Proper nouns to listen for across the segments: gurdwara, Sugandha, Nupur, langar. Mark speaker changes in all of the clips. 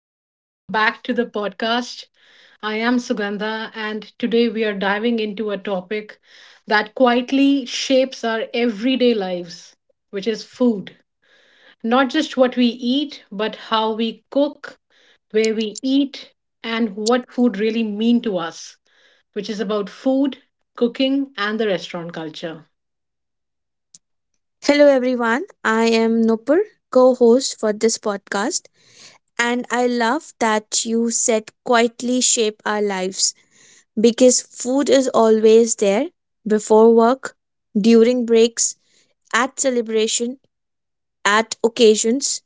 Speaker 1: and welcome back to the podcast. I am Sugandha, and today we are diving into a topic that quietly shapes our everyday lives, which is food. Not just what we eat, but how we cook, where we eat, and what food really mean to us, which is about food, cooking, and the restaurant culture.
Speaker 2: Hello, everyone. I am Nupur, co host for this podcast, and I love that you said quietly shape our lives because food is always there before work, during breaks, at celebration, at occasions,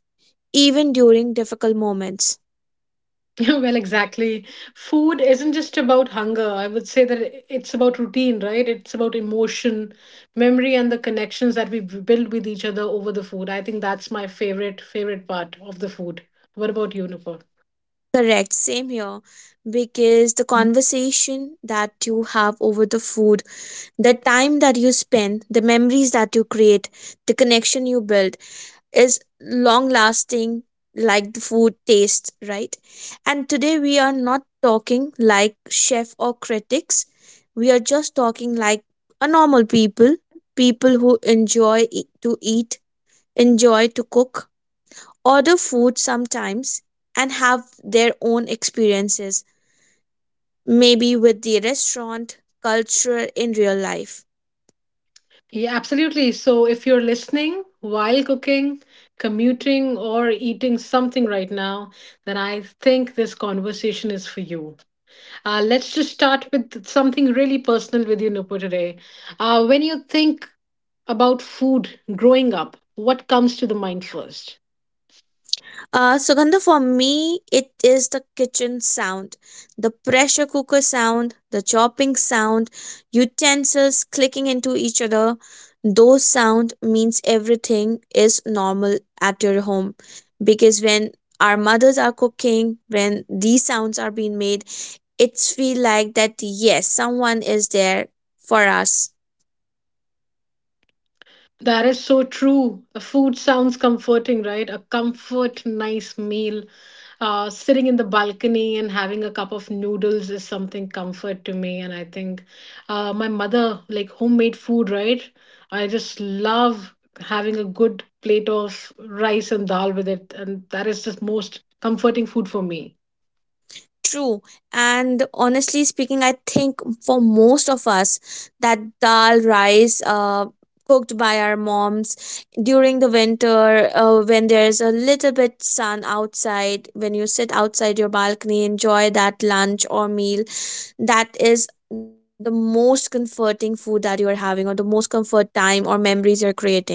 Speaker 2: even during difficult moments.
Speaker 1: Well, exactly. Food isn't just about hunger. I would say that it's about routine, right? It's about emotion, memory, and the connections that we build with each other over the food. I think that's my favorite, favorite part of the food. What about you, Nupur?
Speaker 2: Correct, same here. Because the conversation that you have over the food, the time that you spend, the memories that you create, the connection you build is long lasting like the food taste, right? And today we are not talking like chef or critics. We are just talking like a normal people, people who enjoy to eat, enjoy to cook, order food sometimes and have their own experiences maybe with the restaurant culture in real life.
Speaker 1: Yeah, absolutely. So if you're listening while cooking, commuting, or eating something right now, then I think this conversation is for you. Let's just start with something really personal with you, Nupur, today. When you think about food growing up, what comes to the mind first?
Speaker 2: Sugandha, for me, it is the kitchen sound, the pressure cooker sound, the chopping sound, utensils clicking into each other. Those sound means everything is normal at your home, because when our mothers are cooking, when these sounds are being made, it's feel like that yes, someone is there for us.
Speaker 1: That is so true. The food sounds comforting, right? A comfort, nice meal. Sitting in the balcony and having a cup of noodles is something comfort to me. And I think my mother, like homemade food, right? I just love having a good plate of rice and dal with it. And that is the most comforting food for me.
Speaker 2: True. And honestly speaking, I think for most of us, that dal rice cooked by our moms during the winter, when there's a little bit sun outside, when you sit outside your balcony, enjoy that lunch or meal, that is the most comforting food that you are having, or the most comfort time or memories you're creating.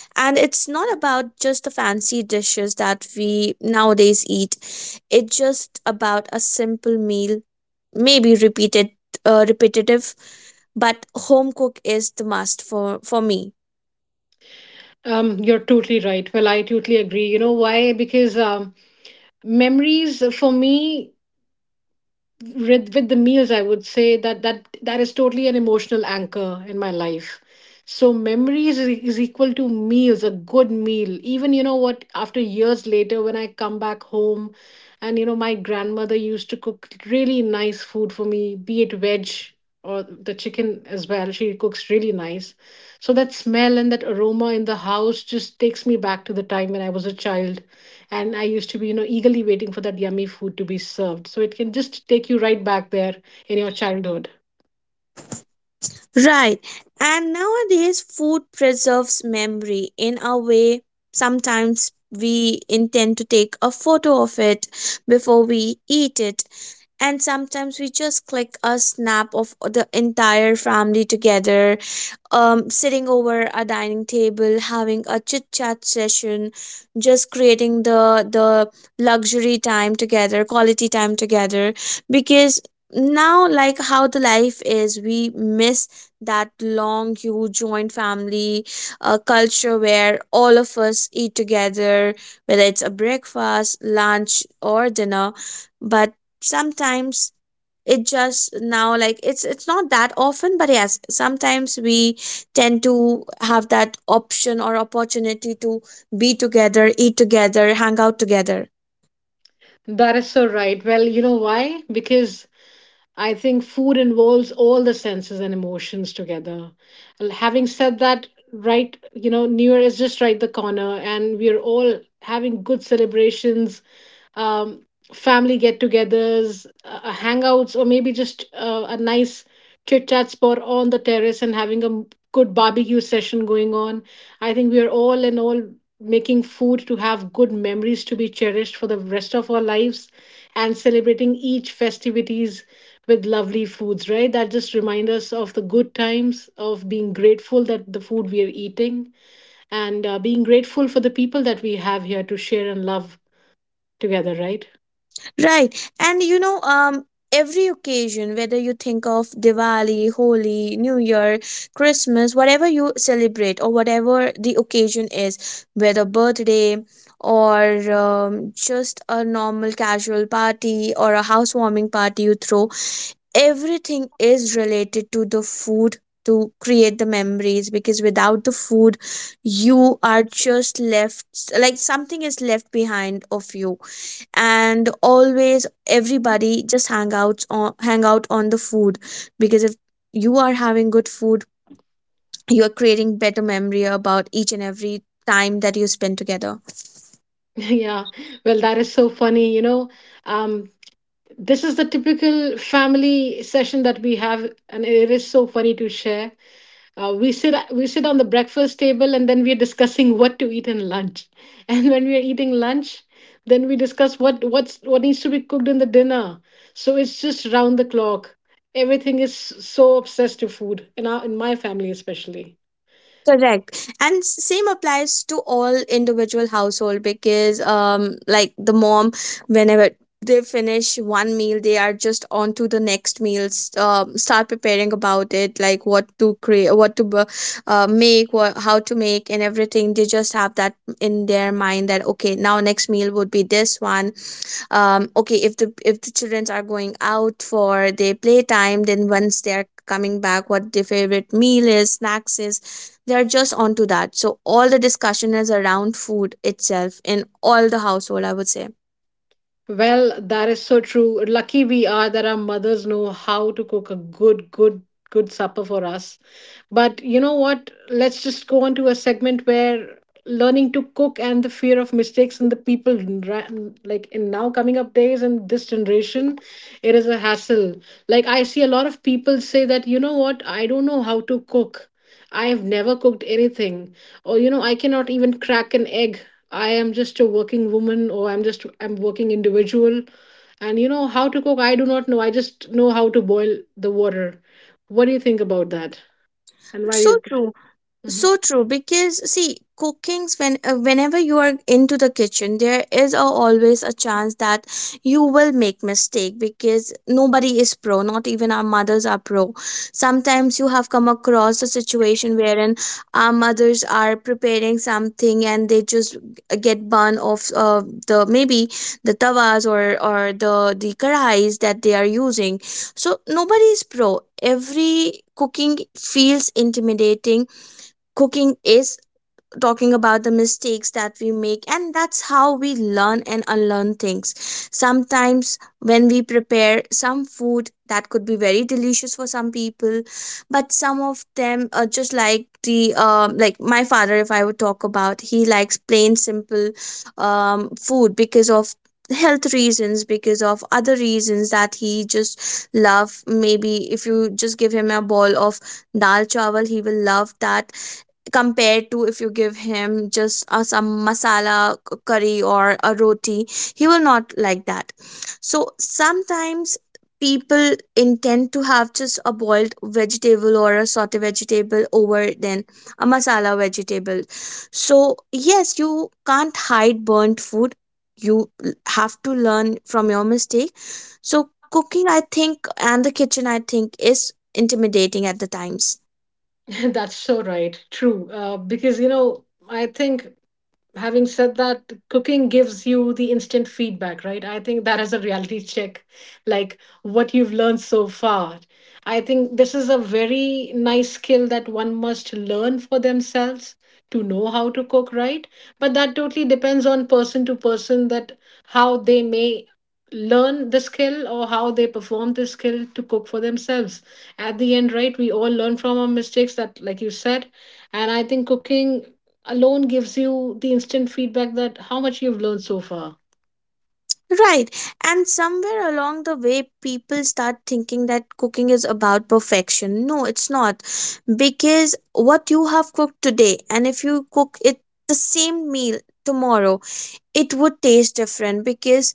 Speaker 2: And it's not about just the fancy dishes that we nowadays eat. It's just about a simple meal, maybe repeated, repetitive, but home cook is the must for me.
Speaker 1: You're totally right. Well, I totally agree. You know why? Because memories for me with the meals I would say that that is totally an emotional anchor in my life, so memories is equal to meals. A good meal, even, you know what, after years later when I come back home, and you know, my grandmother used to cook really nice food for me, be it veg or the chicken as well. She cooks really nice. So that smell and that aroma in the house just takes me back to the time when I was a child, and I used to be, you know, eagerly waiting for that yummy food to be served. So it can just take you right back there in your childhood.
Speaker 2: Right. And nowadays, food preserves memory in a way, sometimes we intend to take a photo of it before we eat it. And sometimes we just click a snap of the entire family together, sitting over a dining table, having a chit chat session, just creating the luxury time together, quality time together. Because now, like how the life is, we miss that long, huge joint family culture where all of us eat together, whether it's a breakfast, lunch, or dinner. But sometimes, it just now like it's not that often, but yes, sometimes we tend to have that option or opportunity to be together, eat together, hang out together.
Speaker 1: That is so right. Well, you know why? Because I think food involves all the senses and emotions together. Having said that, right, you know, New Year is just right the corner, and we're all having good celebrations, um, family get togethers, hangouts, or maybe just a nice chit chat spot on the terrace and having a good barbecue session going on. I think we're all in all making food to have good memories to be cherished for the rest of our lives and celebrating each festivities with lovely foods, right? That just remind us of the good times, of being grateful that the food we are eating, and being grateful for the people that we have here to share and love together, right?
Speaker 2: Right. And you know, every occasion, whether you think of Diwali, Holi, New Year, Christmas, whatever you celebrate, or whatever the occasion is, whether birthday or just a normal casual party or a housewarming party you throw, everything is related to the food, to create the memories. Because without the food, you are just left like something is left behind of you. And always everybody just hang out on the food, because if you are having good food, you are creating better memory about each and every time that you spend together.
Speaker 1: Yeah. Well, that is so funny. You know, um, this is the typical family session that we have, and it is so funny to share. We sit on the breakfast table, and then we're discussing what to eat in lunch, and when we're eating lunch, then we discuss what needs to be cooked in the dinner. So it's just round the clock. Everything is so obsessed to food in our in my family especially.
Speaker 2: Correct. And same applies to all individual household, because like the mom, whenever they finish one meal, they are just on to the next meals. Start preparing about it, like what to create, what to make, what, how to make, and everything. They just have that in their mind that okay, now next meal would be this one. Okay, if the children are going out for their playtime, then once they are coming back, what their favorite meal is, snacks is, they're just onto that. So all the discussion is around food itself in all the household, I would say.
Speaker 1: Well, that is so true. Lucky we are that our mothers know how to cook a good supper for us. But you know what? Let's just go on to a segment where learning to cook and the fear of mistakes and the people like in now coming up days and this generation, it is a hassle. Like, I see a lot of people say that, you know what, I don't know how to cook, I have never cooked anything, or, you know, I cannot even crack an egg. I am just a working woman, or I'm working individual, and, you know, how to cook I do not know. I just know how to boil the water. What do you think about that, and why do
Speaker 2: So
Speaker 1: you?
Speaker 2: true,
Speaker 1: Mhm.
Speaker 2: so true. Because see, cookings, when whenever you are into the kitchen, there is always a chance that you will make mistake, because nobody is pro, not even our mothers are pro. Sometimes you have come across a situation wherein our mothers are preparing something, and they just get burned off the maybe the tawas or or the karhais that they are using. So nobody is pro, every cooking feels intimidating. Cooking is talking about the mistakes that we make, and that's how we learn and unlearn things. Sometimes when we prepare some food that could be very delicious for some people, but some of them are just like the like my father, if I would talk about, he likes plain simple food, because of health reasons, because of other reasons, that he just love. Maybe if you just give him a bowl of dal chawal, he will love that compared to if you give him just some masala curry or a roti, he will not like that. So sometimes people intend to have just a boiled vegetable or a saute vegetable over than a masala vegetable. So yes, you can't hide burnt food. You l- have to learn from your mistake. So cooking, I think, and the kitchen, I think, is intimidating at the times.
Speaker 1: That's so right. True. Because, you know, I think, having said that, cooking gives you the instant feedback, right? I think that is a reality check, like what you've learned so far. I think this is a very nice skill that one must learn for themselves, to know how to cook, right? But that totally depends on person to person, that how they may learn the skill or how they perform the skill to cook for themselves. At the end, right, we all learn from our mistakes, that, like you said, and I think cooking alone gives you the instant feedback, that how much you've learned so far.
Speaker 2: Right. And somewhere along the way, people start thinking that cooking is about perfection. No, it's not. Because what you have cooked today, and if you cook it the same meal tomorrow, it would taste different, because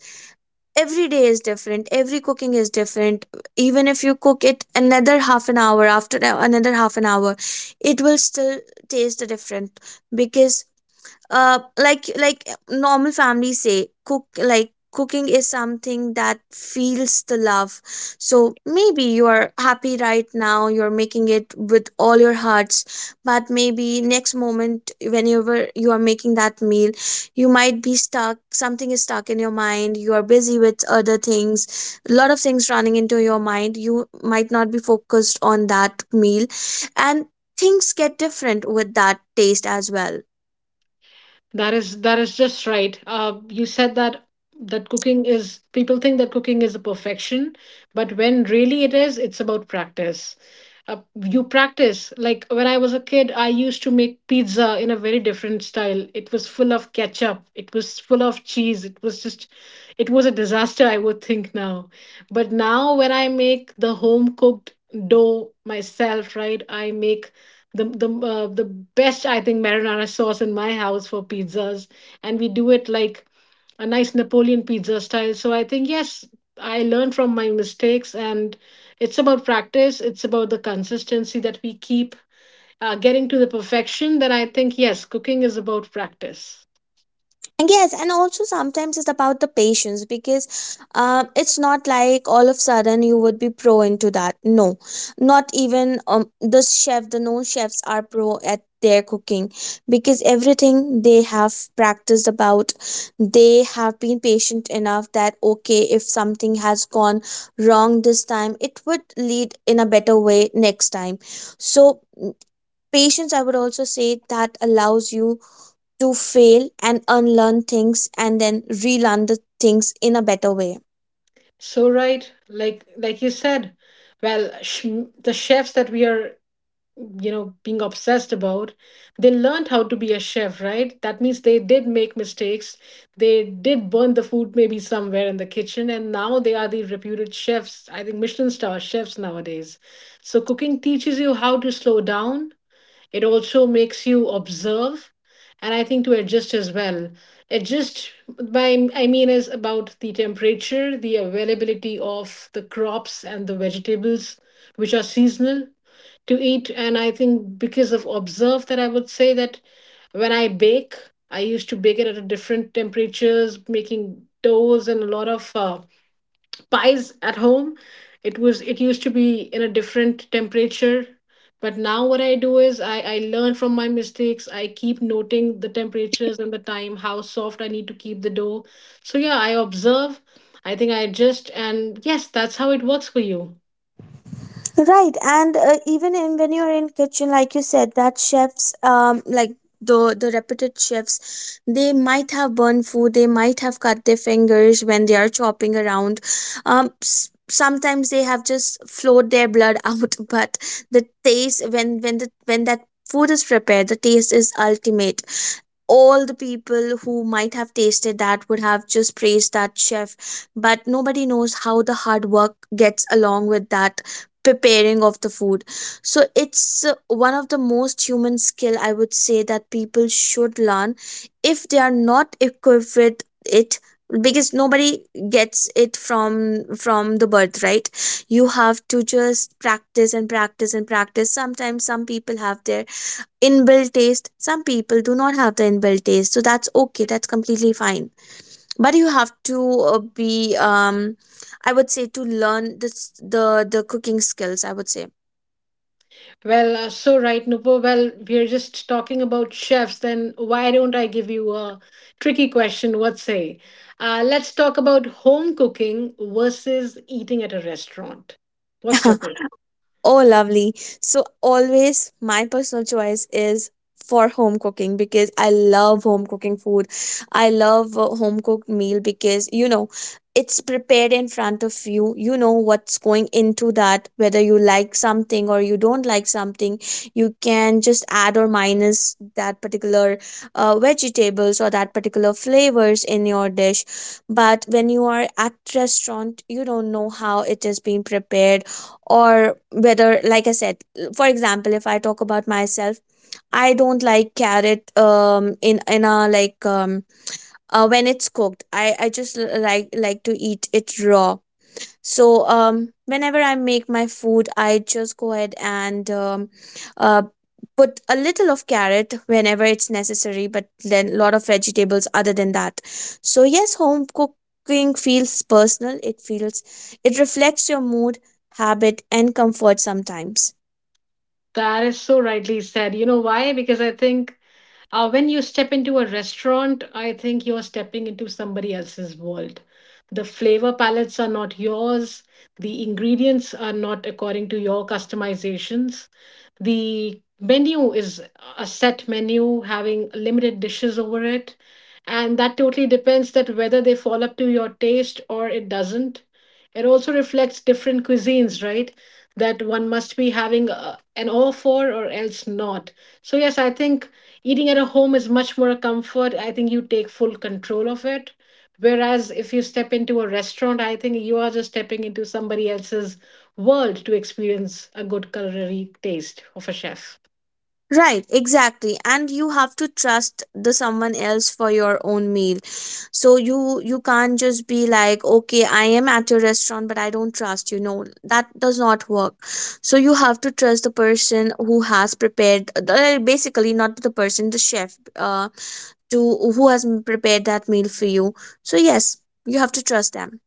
Speaker 2: every day is different. Every cooking is different. Even if you cook it another half an hour, after another half an hour, it will still taste different. Because like normal families say cook, like cooking is something that feels the love. So maybe you are happy right now, you're making it with all your hearts, but maybe next moment, whenever you are making that meal, you might be stuck, something is stuck in your mind, you are busy with other things, a lot of things running into your mind, you might not be focused on that meal, and things get different with that taste as well.
Speaker 1: That is just right. You said that that cooking is, people think that cooking is a perfection, but when really it is, it's about practice. You practice. Like, when I was a kid, I used to make pizza in a very different style. It was full of ketchup, it was full of cheese, it was just, it was a disaster I would think now. But now when I make the home cooked dough myself, right, I make the best, I think, marinara sauce in my house for pizzas, and we do it like a nice Napoleon pizza style. So I think, yes, I learned from my mistakes, and it's about practice. It's about the consistency that we keep getting to the perfection. Then I think, yes, cooking is about practice.
Speaker 2: And yes, and also sometimes it's about the patience, because it's not like all of a sudden you would be pro into that. No, not even the chef, the known chefs are pro at their cooking, because everything they have practiced about, they have been patient enough that okay, if something has gone wrong this time, it would lead in a better way next time. So, patience, I would also say, that allows you to fail and unlearn things, and then relearn the things in a better way.
Speaker 1: So right, like you said, well, the chefs that we are, you know, being obsessed about, they learned how to be a chef, right? That means they did make mistakes, they did burn the food maybe somewhere in the kitchen, and now they are the reputed chefs, I think Michelin star chefs nowadays. So cooking teaches you how to slow down. It also makes you observe, and I think to adjust as well. Adjust by, I mean, is about the temperature, the availability of the crops and the vegetables which are seasonal to eat. And I think because of observe that, I would say that when I bake, I used to bake it at a different temperatures, making doughs and a lot of pies at home. It was, it used to be in a different temperature, but now what I do is I learn from my mistakes. I keep noting the temperatures and the time, how soft I need to keep the dough. So yeah, I observe, I think I adjust, and yes, that's how it works for you.
Speaker 2: Right, and even in when you're in kitchen, like you said, that chefs, like the reputed chefs, they might have burned food, they might have cut their fingers when they are chopping around. Sometimes they have just flowed their blood out. But the taste, when the when that food is prepared, the taste is ultimate. All the people who might have tasted that would have just praised that chef, but nobody knows how the hard work gets along with that preparing of the food. So it's one of the most human skill, I would say, that people should learn if they are not equipped with it. Because nobody gets it from the birth, right? You have to just practice and practice and practice. Sometimes some people have their inbuilt taste, some people do not have the inbuilt taste, so that's okay, that's completely fine. But you have to be I would say, to learn this the cooking skills, I would say.
Speaker 1: Well, so right, Nupur. Well, we're just talking about chefs. Then why don't I give you a tricky question? What say? Let's talk about home cooking versus eating at a restaurant. What's your take?
Speaker 2: Oh, lovely. So, always my personal choice is for home cooking, because I love home cooking food. I love a home cooked meal because, you know, it's prepared in front of you. You know what's going into that, whether you like something or you don't like something. You can just add or minus that particular vegetables or that particular flavors in your dish. But when you are at restaurant, you don't know how it is being prepared, or whether, like I said, for example, if I talk about myself, I don't like carrot, in a like when it's cooked, I just like to eat it raw. So whenever I make my food, I just go ahead and uh, put a little of carrot whenever it's necessary, but then a lot of vegetables other than that. So yes, home cooking feels personal. It feels, it reflects your mood, habit, and comfort sometimes.
Speaker 1: That is so rightly said. You know why? Because I think, when you step into a restaurant, I think you're stepping into somebody else's world. The flavor palettes are not yours, the ingredients are not according to your customizations. The menu is a set menu having limited dishes over it. And that totally depends that whether they fall up to your taste or it doesn't. It also reflects different cuisines, right? That one must be having an all for or else not. So, yes, I think eating at a home is much more a comfort. I think you take full control of it. Whereas if you step into a restaurant, I think you are just stepping into somebody else's world to experience a good culinary taste of a chef.
Speaker 2: Right, exactly. And you have to trust the someone else for your own meal. So you can't just be like, okay, I am at your restaurant, but I don't trust you. No, that does not work. So you have to trust the person who has prepared, basically not the person, the chef, to who has prepared that meal for you. So yes, you have to trust them.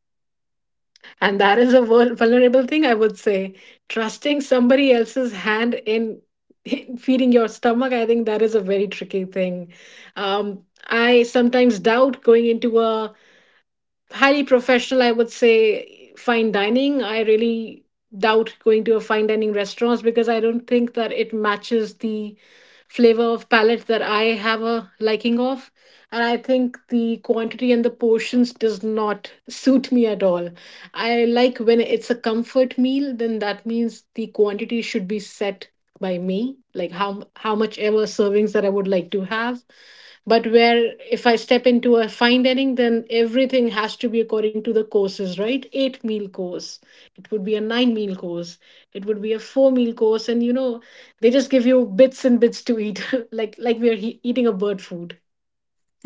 Speaker 1: And that is a vulnerable thing, I would say. Trusting somebody else's hand in, in feeding your stomach, I think that is a very tricky thing. Um, I sometimes doubt going into a highly professional, I would say, fine dining. I really doubt going to a fine dining restaurants, because I don't think that it matches the flavor of palate that I have a liking of. And I think the quantity and the portions does not suit me at all. I like when it's a comfort meal, then that means the quantity should be set by me, like how much ever servings that I would like to have. But where if I step into a fine dining, then everything has to be according to the courses, right? 8 meal course, it would be a 9 meal course, it would be a 4 meal course, and you know, they just give you bits and bits to eat, like we are eating a bird food.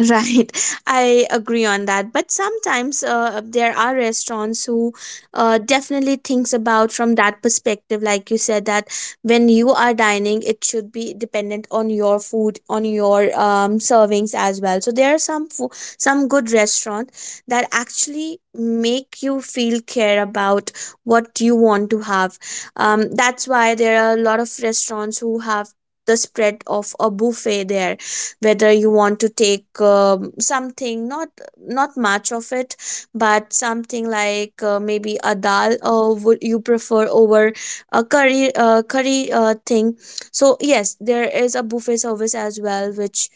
Speaker 2: Right, I agree on that. But sometimes there are restaurants who definitely thinks about from that perspective, like you said, that when you are dining, it should be dependent on your food, on your servings as well. So there are some good restaurants that actually make you feel care about what you want to have. That's why there are a lot of restaurants who have the spread of a buffet there, whether you want to take something, not much of it, but something like, maybe a dal, or would you prefer over a curry thing. So yes, there is a buffet service as well, which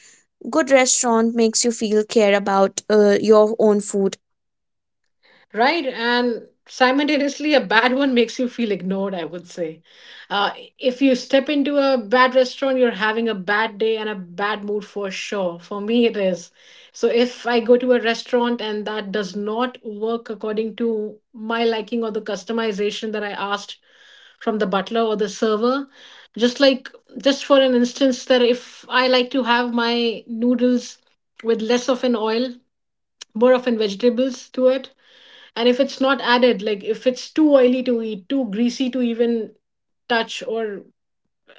Speaker 2: good restaurant makes you feel care about your own food.
Speaker 1: Right. And simultaneously, a bad one makes you feel ignored, I would say. Uh, if you step into a bad restaurant, you're having a bad day and a bad mood for sure. For me, it is. So if I go to a restaurant and that does not work according to my liking or the customization that I asked from the butler or the server, just like, just for an instance, that if I like to have my noodles with less of an oil, more of an vegetables to it and if it's not added, like if it's too oily to eat, too greasy to even touch or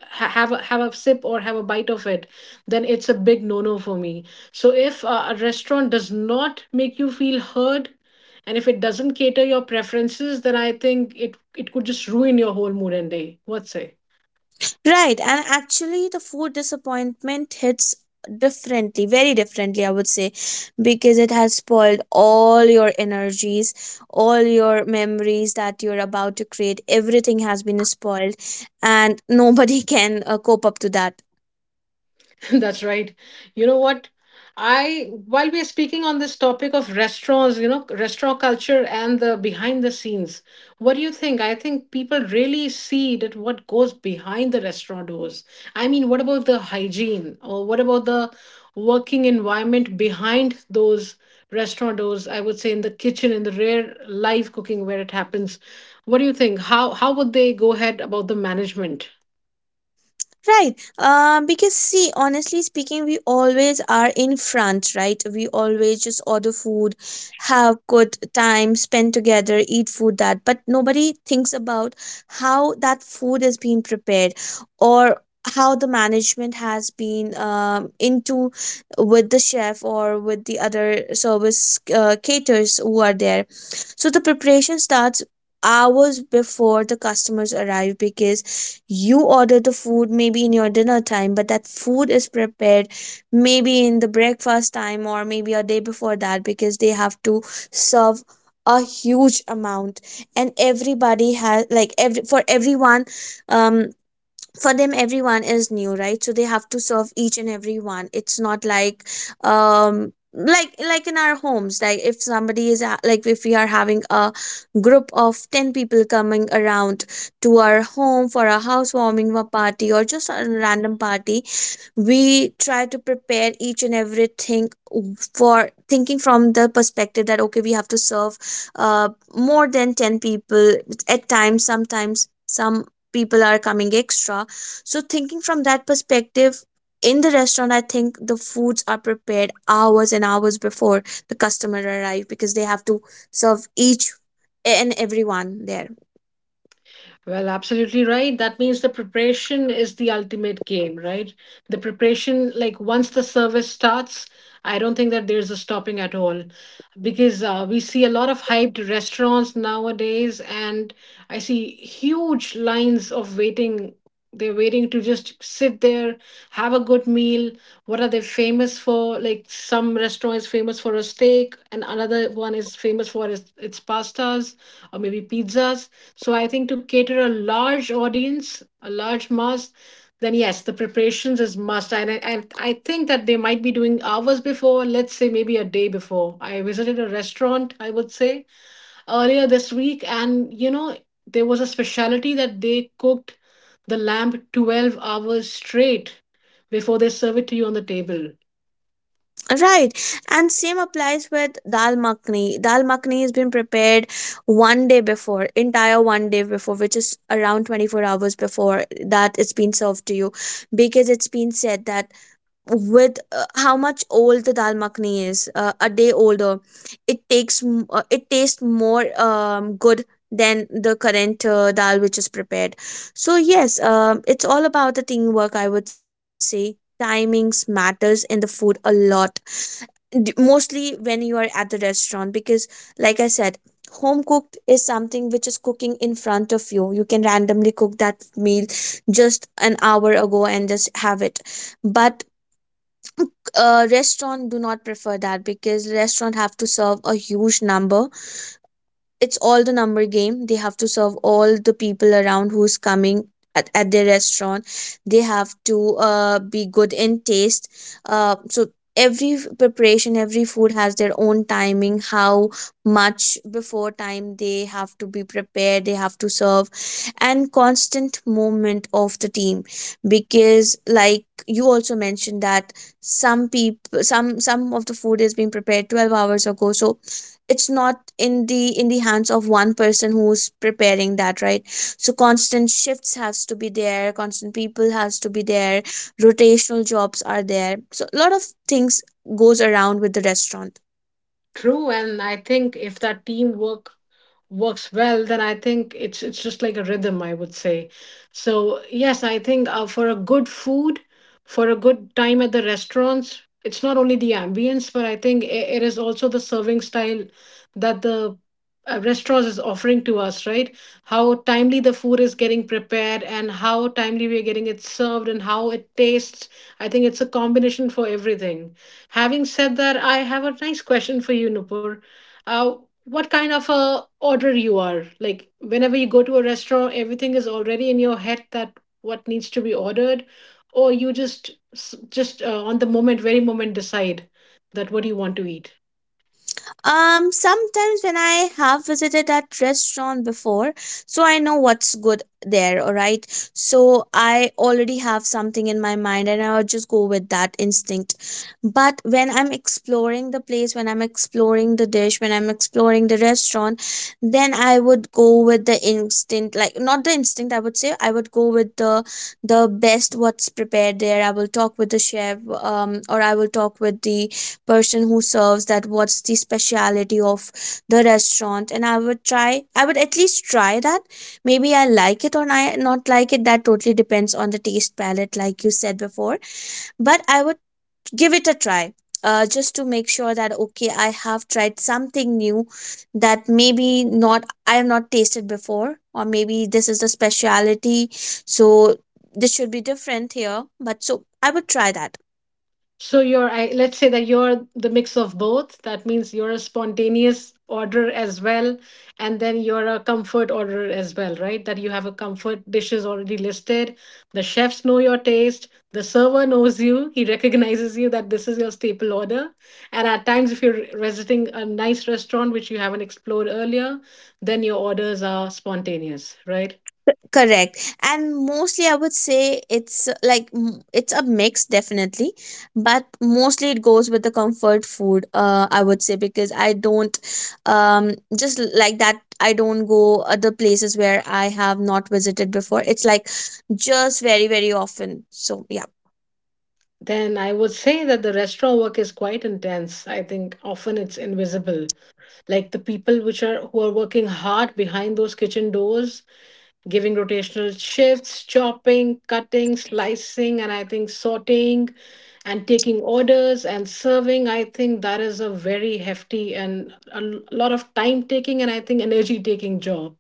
Speaker 1: have a sip or have a bite of it, then it's a big no no for me. So if a restaurant does not make you feel heard, and if it doesn't cater your preferences, then I think it could just ruin your whole mood and day. What say?
Speaker 2: Right, and actually, the food disappointment hits differently, very differently, I would say, because it has spoiled all your energies, all your memories that you're about to create. Everything has been spoiled, and nobody can cope up to that.
Speaker 1: That's right. You know what? I while we are speaking on this topic of restaurants, you know, restaurant culture and the behind the scenes, what do you think? I think people really see that what goes behind the restaurant doors. I mean, what about the hygiene or what about the working environment behind those restaurant doors? I would say in the kitchen, in the rare live cooking where it happens. What do you think? How would they go ahead about the management?
Speaker 2: Right. Because see, honestly speaking, we always are in front, right? We always just order food, have good time, spend together, eat food that, but nobody thinks about how that food is being prepared, or how the management has been, into with the chef or with the other service caterers who are there. So the preparation starts hours before the customers arrive, because you order the food maybe in your dinner time, but that food is prepared maybe in the breakfast time, or maybe a day before that, because they have to serve a huge amount, and everybody has, like, every for everyone, um for them everyone is new, right? So they have to serve each and every one. It's not like, like in our homes, like if somebody is a- like if we are having a group of 10 people coming around to our home for a housewarming party, or just a random party. We try to prepare each and everything, for thinking from the perspective that, okay, we have to serve uh, more than 10 people. At times, sometimes some people are coming extra, so thinking from that perspective, in the restaurant I think the foods are prepared hours and hours before the customer arrive, because they have to serve each and everyone there.
Speaker 1: Well, absolutely right. That means the preparation is the ultimate game, right? The preparation, like once the service starts, I don't think that there's a stopping at all because we see a lot of hyped restaurants nowadays, and I see huge lines of waiting. They're waiting to just sit there, have a good meal. What are they famous for? Like some restaurant is famous for a steak, and another one is famous for its pastas or maybe pizzas, so I think to cater a large audience, a large mass, then yes, the preparations is must. And I think that they might be doing hours before, let's say maybe a day before. I visited a restaurant, I would say, earlier this week, and you know, there was a specialty that they cooked the lamb 12 hours straight before they serve it to you on the table.
Speaker 2: Right, and same applies with dal makhni. Dal makhni has been prepared one day before, entire one day before, which is around 24 hours before that it's been served to you, because it's been said that with, how much old the dal makhani is, a day older, it it tastes more good than the current dal which is prepared. So yes, it's all about the teamwork, I would say. Timings matters in the food a lot, mostly when you are at the restaurant, because like I said, home cooked is something which is cooking in front of you, you can randomly cook that meal just an hour ago and just have it. But restaurant do not prefer that, because restaurant have to serve a huge number. It's all the number game, they have to serve all the people around who's coming at their restaurant. They have to be good in taste. So every preparation, every food has their own timing, how much before time they have to be prepared, they have to serve. And constant movement of the team, because like you also mentioned that some people, some of the food is being prepared 12 hours ago, so it's not in the hands of one person who's preparing that, right? So constant shifts has to be there, constant people has to be there, rotational jobs are there. So a lot of things goes around with the restaurant.
Speaker 1: True, and I think if that teamwork works well, then I think it's just like a rhythm, I would say. So yes, I think for a good food, for a good time at the restaurants, it's not only the ambience, but I think I it is also the serving style that the restaurants is offering to us, right? How timely the food is getting prepared, and how timely we are getting it served, and how it tastes. I think it's a combination for everything. Having said that, I have a nice question for you, Nupur. Uh, what kind of a order you are? Like whenever you go to a restaurant, everything is already in your head that what needs to be ordered, or you just just on the moment, very moment, decide that what do you want to eat.
Speaker 2: Sometimes when I have visited that restaurant before, so I know what's good there, all right? So I already have something in my mind, and I'll just go with that instinct. But when I'm exploring the place, when I'm exploring the dish, when I'm exploring the restaurant, then I would go with the instinct, like not the instinct, I would say I would go with the best what's prepared there. I will talk with the chef, or I will talk with the person who serves, that what's the speciality of the restaurant, and I would at least try that. Maybe I like it, or I not like it, that totally depends on the taste palette, like you said before. But I would give it a try, just to make sure that, okay, I have tried something new, that maybe not, I have not tasted before, or maybe this is the speciality, so this should be different here. But so I would try that.
Speaker 1: So you're, I, let's say that you're the mix of both. That means you're a spontaneous order as well, and then you're a comfort order as well, right? That you have a comfort dishes already listed. The chefs know your taste. The server knows you. He recognizes you that this is your staple order. And at times, if you're visiting a nice restaurant which you haven't explored earlier, then your orders are spontaneous, right?
Speaker 2: Correct. And mostly I would say it's, it's a mix definitely. But mostly it goes with the comfort food, I would say, because I don't, um just like that, I don't go other places where I have not visited before. It's like, just very very often, so yeah.
Speaker 1: Then I would say that the restaurant work is quite intense. I think often it's invisible, like the people which are who are working hard behind those kitchen doors, giving rotational shifts, chopping, cutting, slicing, and I think sorting and taking orders and serving. I think that is a very hefty and a lot of time taking and I think energy taking job.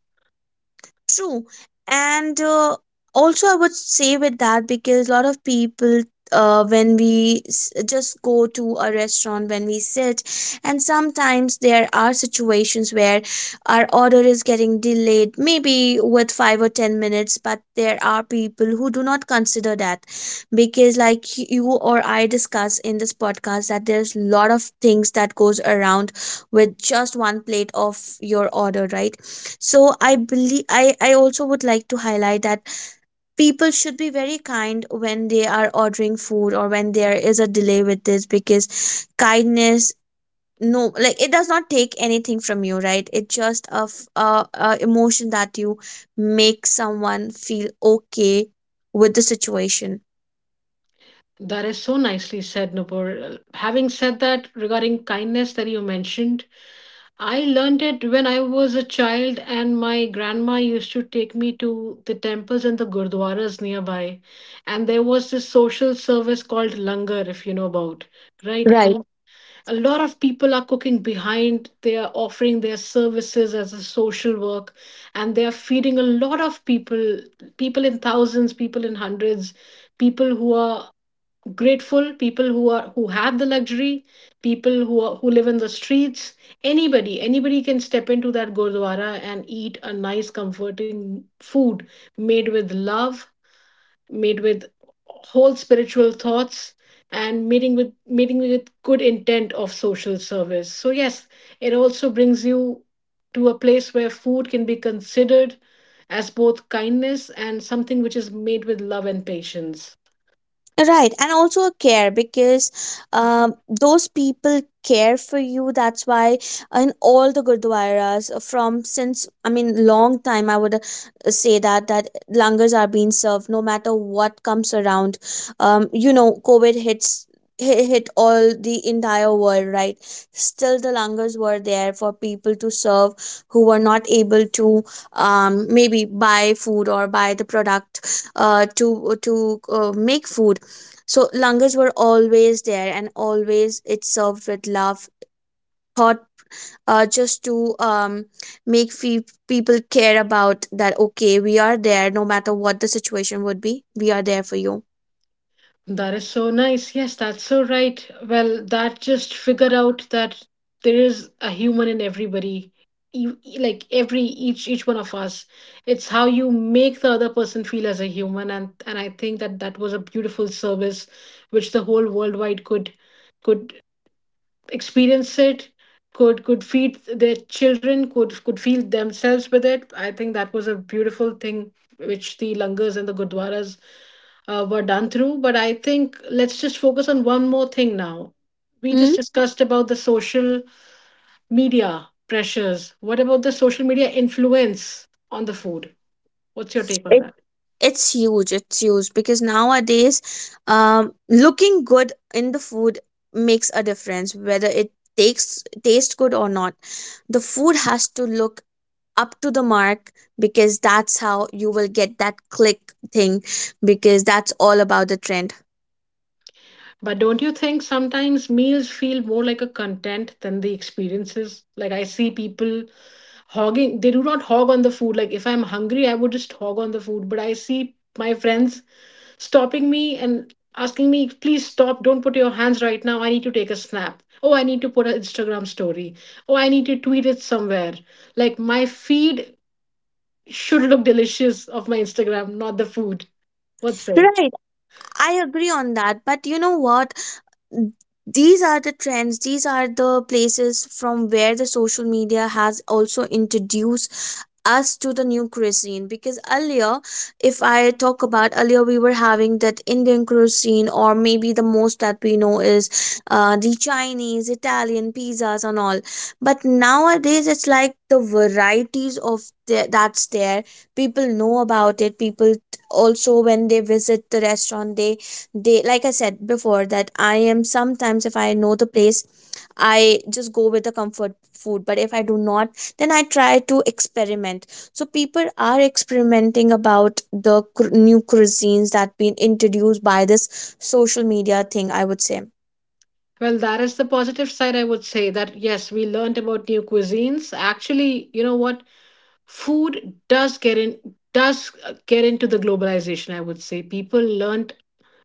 Speaker 2: True. And also, I would say, with that, because a lot of people, when we just go to a restaurant, when we sit, and sometimes there are situations where our order is getting delayed, maybe with 5 or 10 minutes, but there are people who do not consider that, because, like you or I discuss in this podcast, that there's a lot of things that goes around with just one plate of your order, right? So I believe I also would like to highlight that people should be very kind when they are ordering food, or when there is a delay with this, because kindness, no, like, it does not take anything from you, right? It's just a emotion that you make someone feel okay with the situation,
Speaker 1: That is so nicely said, Nupur. Having said that, regarding kindness that you mentioned, I learned it when I was a child, and my grandma used to take me to the temples and the gurdwaras nearby. And there was this social service called langar, if you know about, right?
Speaker 2: right?
Speaker 1: And a lot of people are cooking behind, they are offering their services as a social work, and they are feeding a lot of people, people in thousands, people in hundreds, people who are grateful, people who are who have the luxury, people who are, who live in the streets. Anybody can step into that gurdwara and eat a nice comforting food, made with love, made with whole spiritual thoughts, and meeting with good intent of social service. So yes, it also brings you to a place where food can be considered as both kindness and something which is made with love and patience.
Speaker 2: Right, and also a care, because those people care for you. That's why in all the gurdwaras, from since, I mean, long time, I would say, that langars are being served no matter what comes around. You know, COVID hit all the entire world, right? Still, the langars were there for people to serve who were not able to, maybe buy food or buy the product, to make food. So langers were always there, and always it served with love, thought, just to make people care about that. Okay, we are there, no matter what the situation would be. We are there for you.
Speaker 1: That is so nice. Yes, that's so right. Well, that just figured out that there is a human in everybody, like every each one of us. It's how you make the other person feel as a human, and I think that that was a beautiful service, which the whole worldwide could experience it, could feed their children, could feel themselves with it. I think that was a beautiful thing which the langars and the gurdwaras were done through. But I think let's just focus on one more thing now. We
Speaker 2: Hmm?
Speaker 1: just discussed about the social media pressures. What about the social media influence on the food? What's your take on
Speaker 2: It
Speaker 1: that?
Speaker 2: it's huge. It's huge, because nowadays, looking good in the food makes a difference, whether it takes taste good or not. The food has to look up to the mark, because that's how you will get that click thing, because that's all about the trend.
Speaker 1: But don't you think sometimes meals feel more like a content than the experiences? Like I see people hogging, they do not hog on the food. Like if I'm hungry, I would just hog on the food. But I see my friends stopping me and asking me, please stop, don't put your hands right now. I need to take a snap. Oh, I need to put an Instagram story. Oh, I need to tweet it somewhere. Like my feed should look delicious of my Instagram, not the food. What's say?
Speaker 2: Right, I agree on that. But you know what? These are the trends, these are the places from where the social media has also introduced us to the new cuisine. Because earlier, if I talk about earlier, we were having that Indian cuisine, or maybe the most that we know is, the Chinese Italian pizzas and all. But nowadays it's like the varieties of that's there. People know about it, people also, when they visit the restaurant, they, like I said before, that I am sometimes, if I know the place, I just go with the comfort food, but if I do not, then I try to experiment. So people are experimenting about the new cuisines that been introduced by this social media thing, I would say.
Speaker 1: Well, that is the positive side, I would say that yes, we learned about new cuisines. Actually, you know what? Food does get in does get into the globalization, I would say. People learned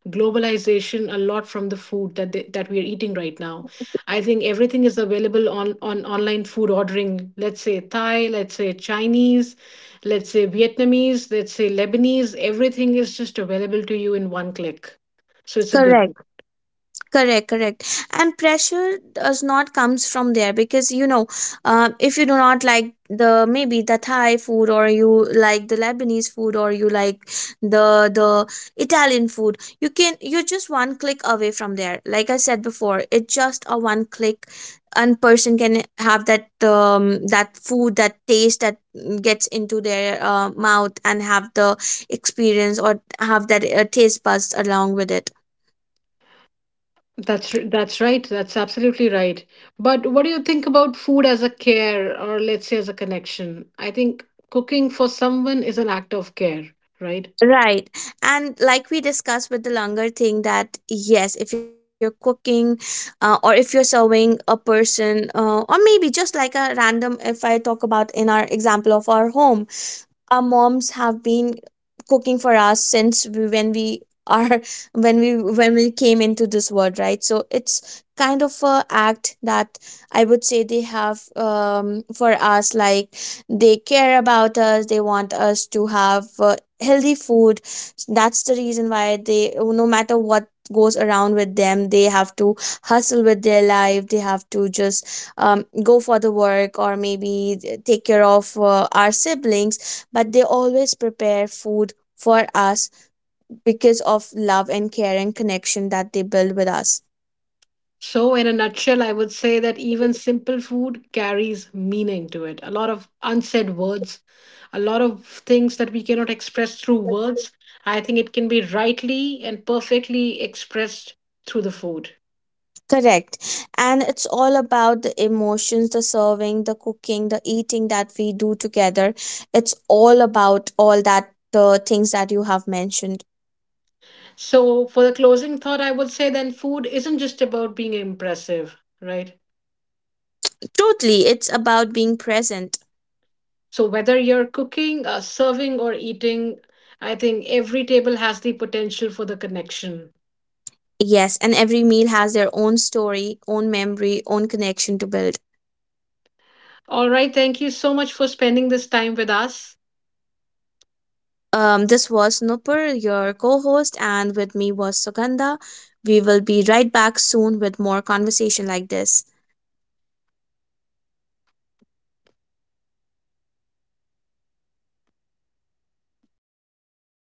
Speaker 1: globalization a lot from the food that they, that we are eating right now. I think everything is available on online food ordering. Let's say Thai, let's say Chinese, let's say Vietnamese, let's say Lebanese, everything is just available to you in one click. So it's a good.
Speaker 2: Correct, correct, correct. And pressure does not comes from there, because you know, if you do not like the, maybe the Thai food, or you like the Lebanese food, or you like the the Italian food, you're just one click away from there, like I said before, it's just a one click, and person can have that, that food, that taste, that gets into their mouth, and have the experience, or have that taste buds along with it.
Speaker 1: That's right. That's absolutely right. But what do you think about food as a care or let's say as a connection? I think cooking for someone is an act of care, right?
Speaker 2: Right. And like we discussed with the longer thing, that yes, if you're cooking, or if you're serving a person, or maybe just like a random, if I talk about, in our example of our home, our moms have been cooking for us since we, when we are when we came into this world, right? So it's kind of a act that, I would say they have, for us, like, they care about us, they want us to have healthy food. That's the reason why they, no matter what goes around with them, they have to hustle with their life, they have to just, go for the work, or maybe take care of our siblings, but they always prepare food for us, because of love and care and connection that they build with us.
Speaker 1: So in a nutshell, I would say that even simple food carries meaning to it. A lot of unsaid words, a lot of things that we cannot express through words. I think it can be rightly and perfectly expressed through the food.
Speaker 2: Correct. And it's all about the emotions, the serving, the cooking, the eating that we do together. It's all about all that the things that you have mentioned.
Speaker 1: So for the closing thought, I would say then food isn't just about being impressive, right?
Speaker 2: Totally, it's about being present.
Speaker 1: So, whether you're cooking, serving, or eating, I think every table has the potential for the connection.
Speaker 2: Yes, and every meal has their own story, own memory, own connection to build.
Speaker 1: All right. Thank you so much for spending this time with us.
Speaker 2: This was Nupur, your co host, and with me was Sugandha. We will be right back soon with more conversation like this.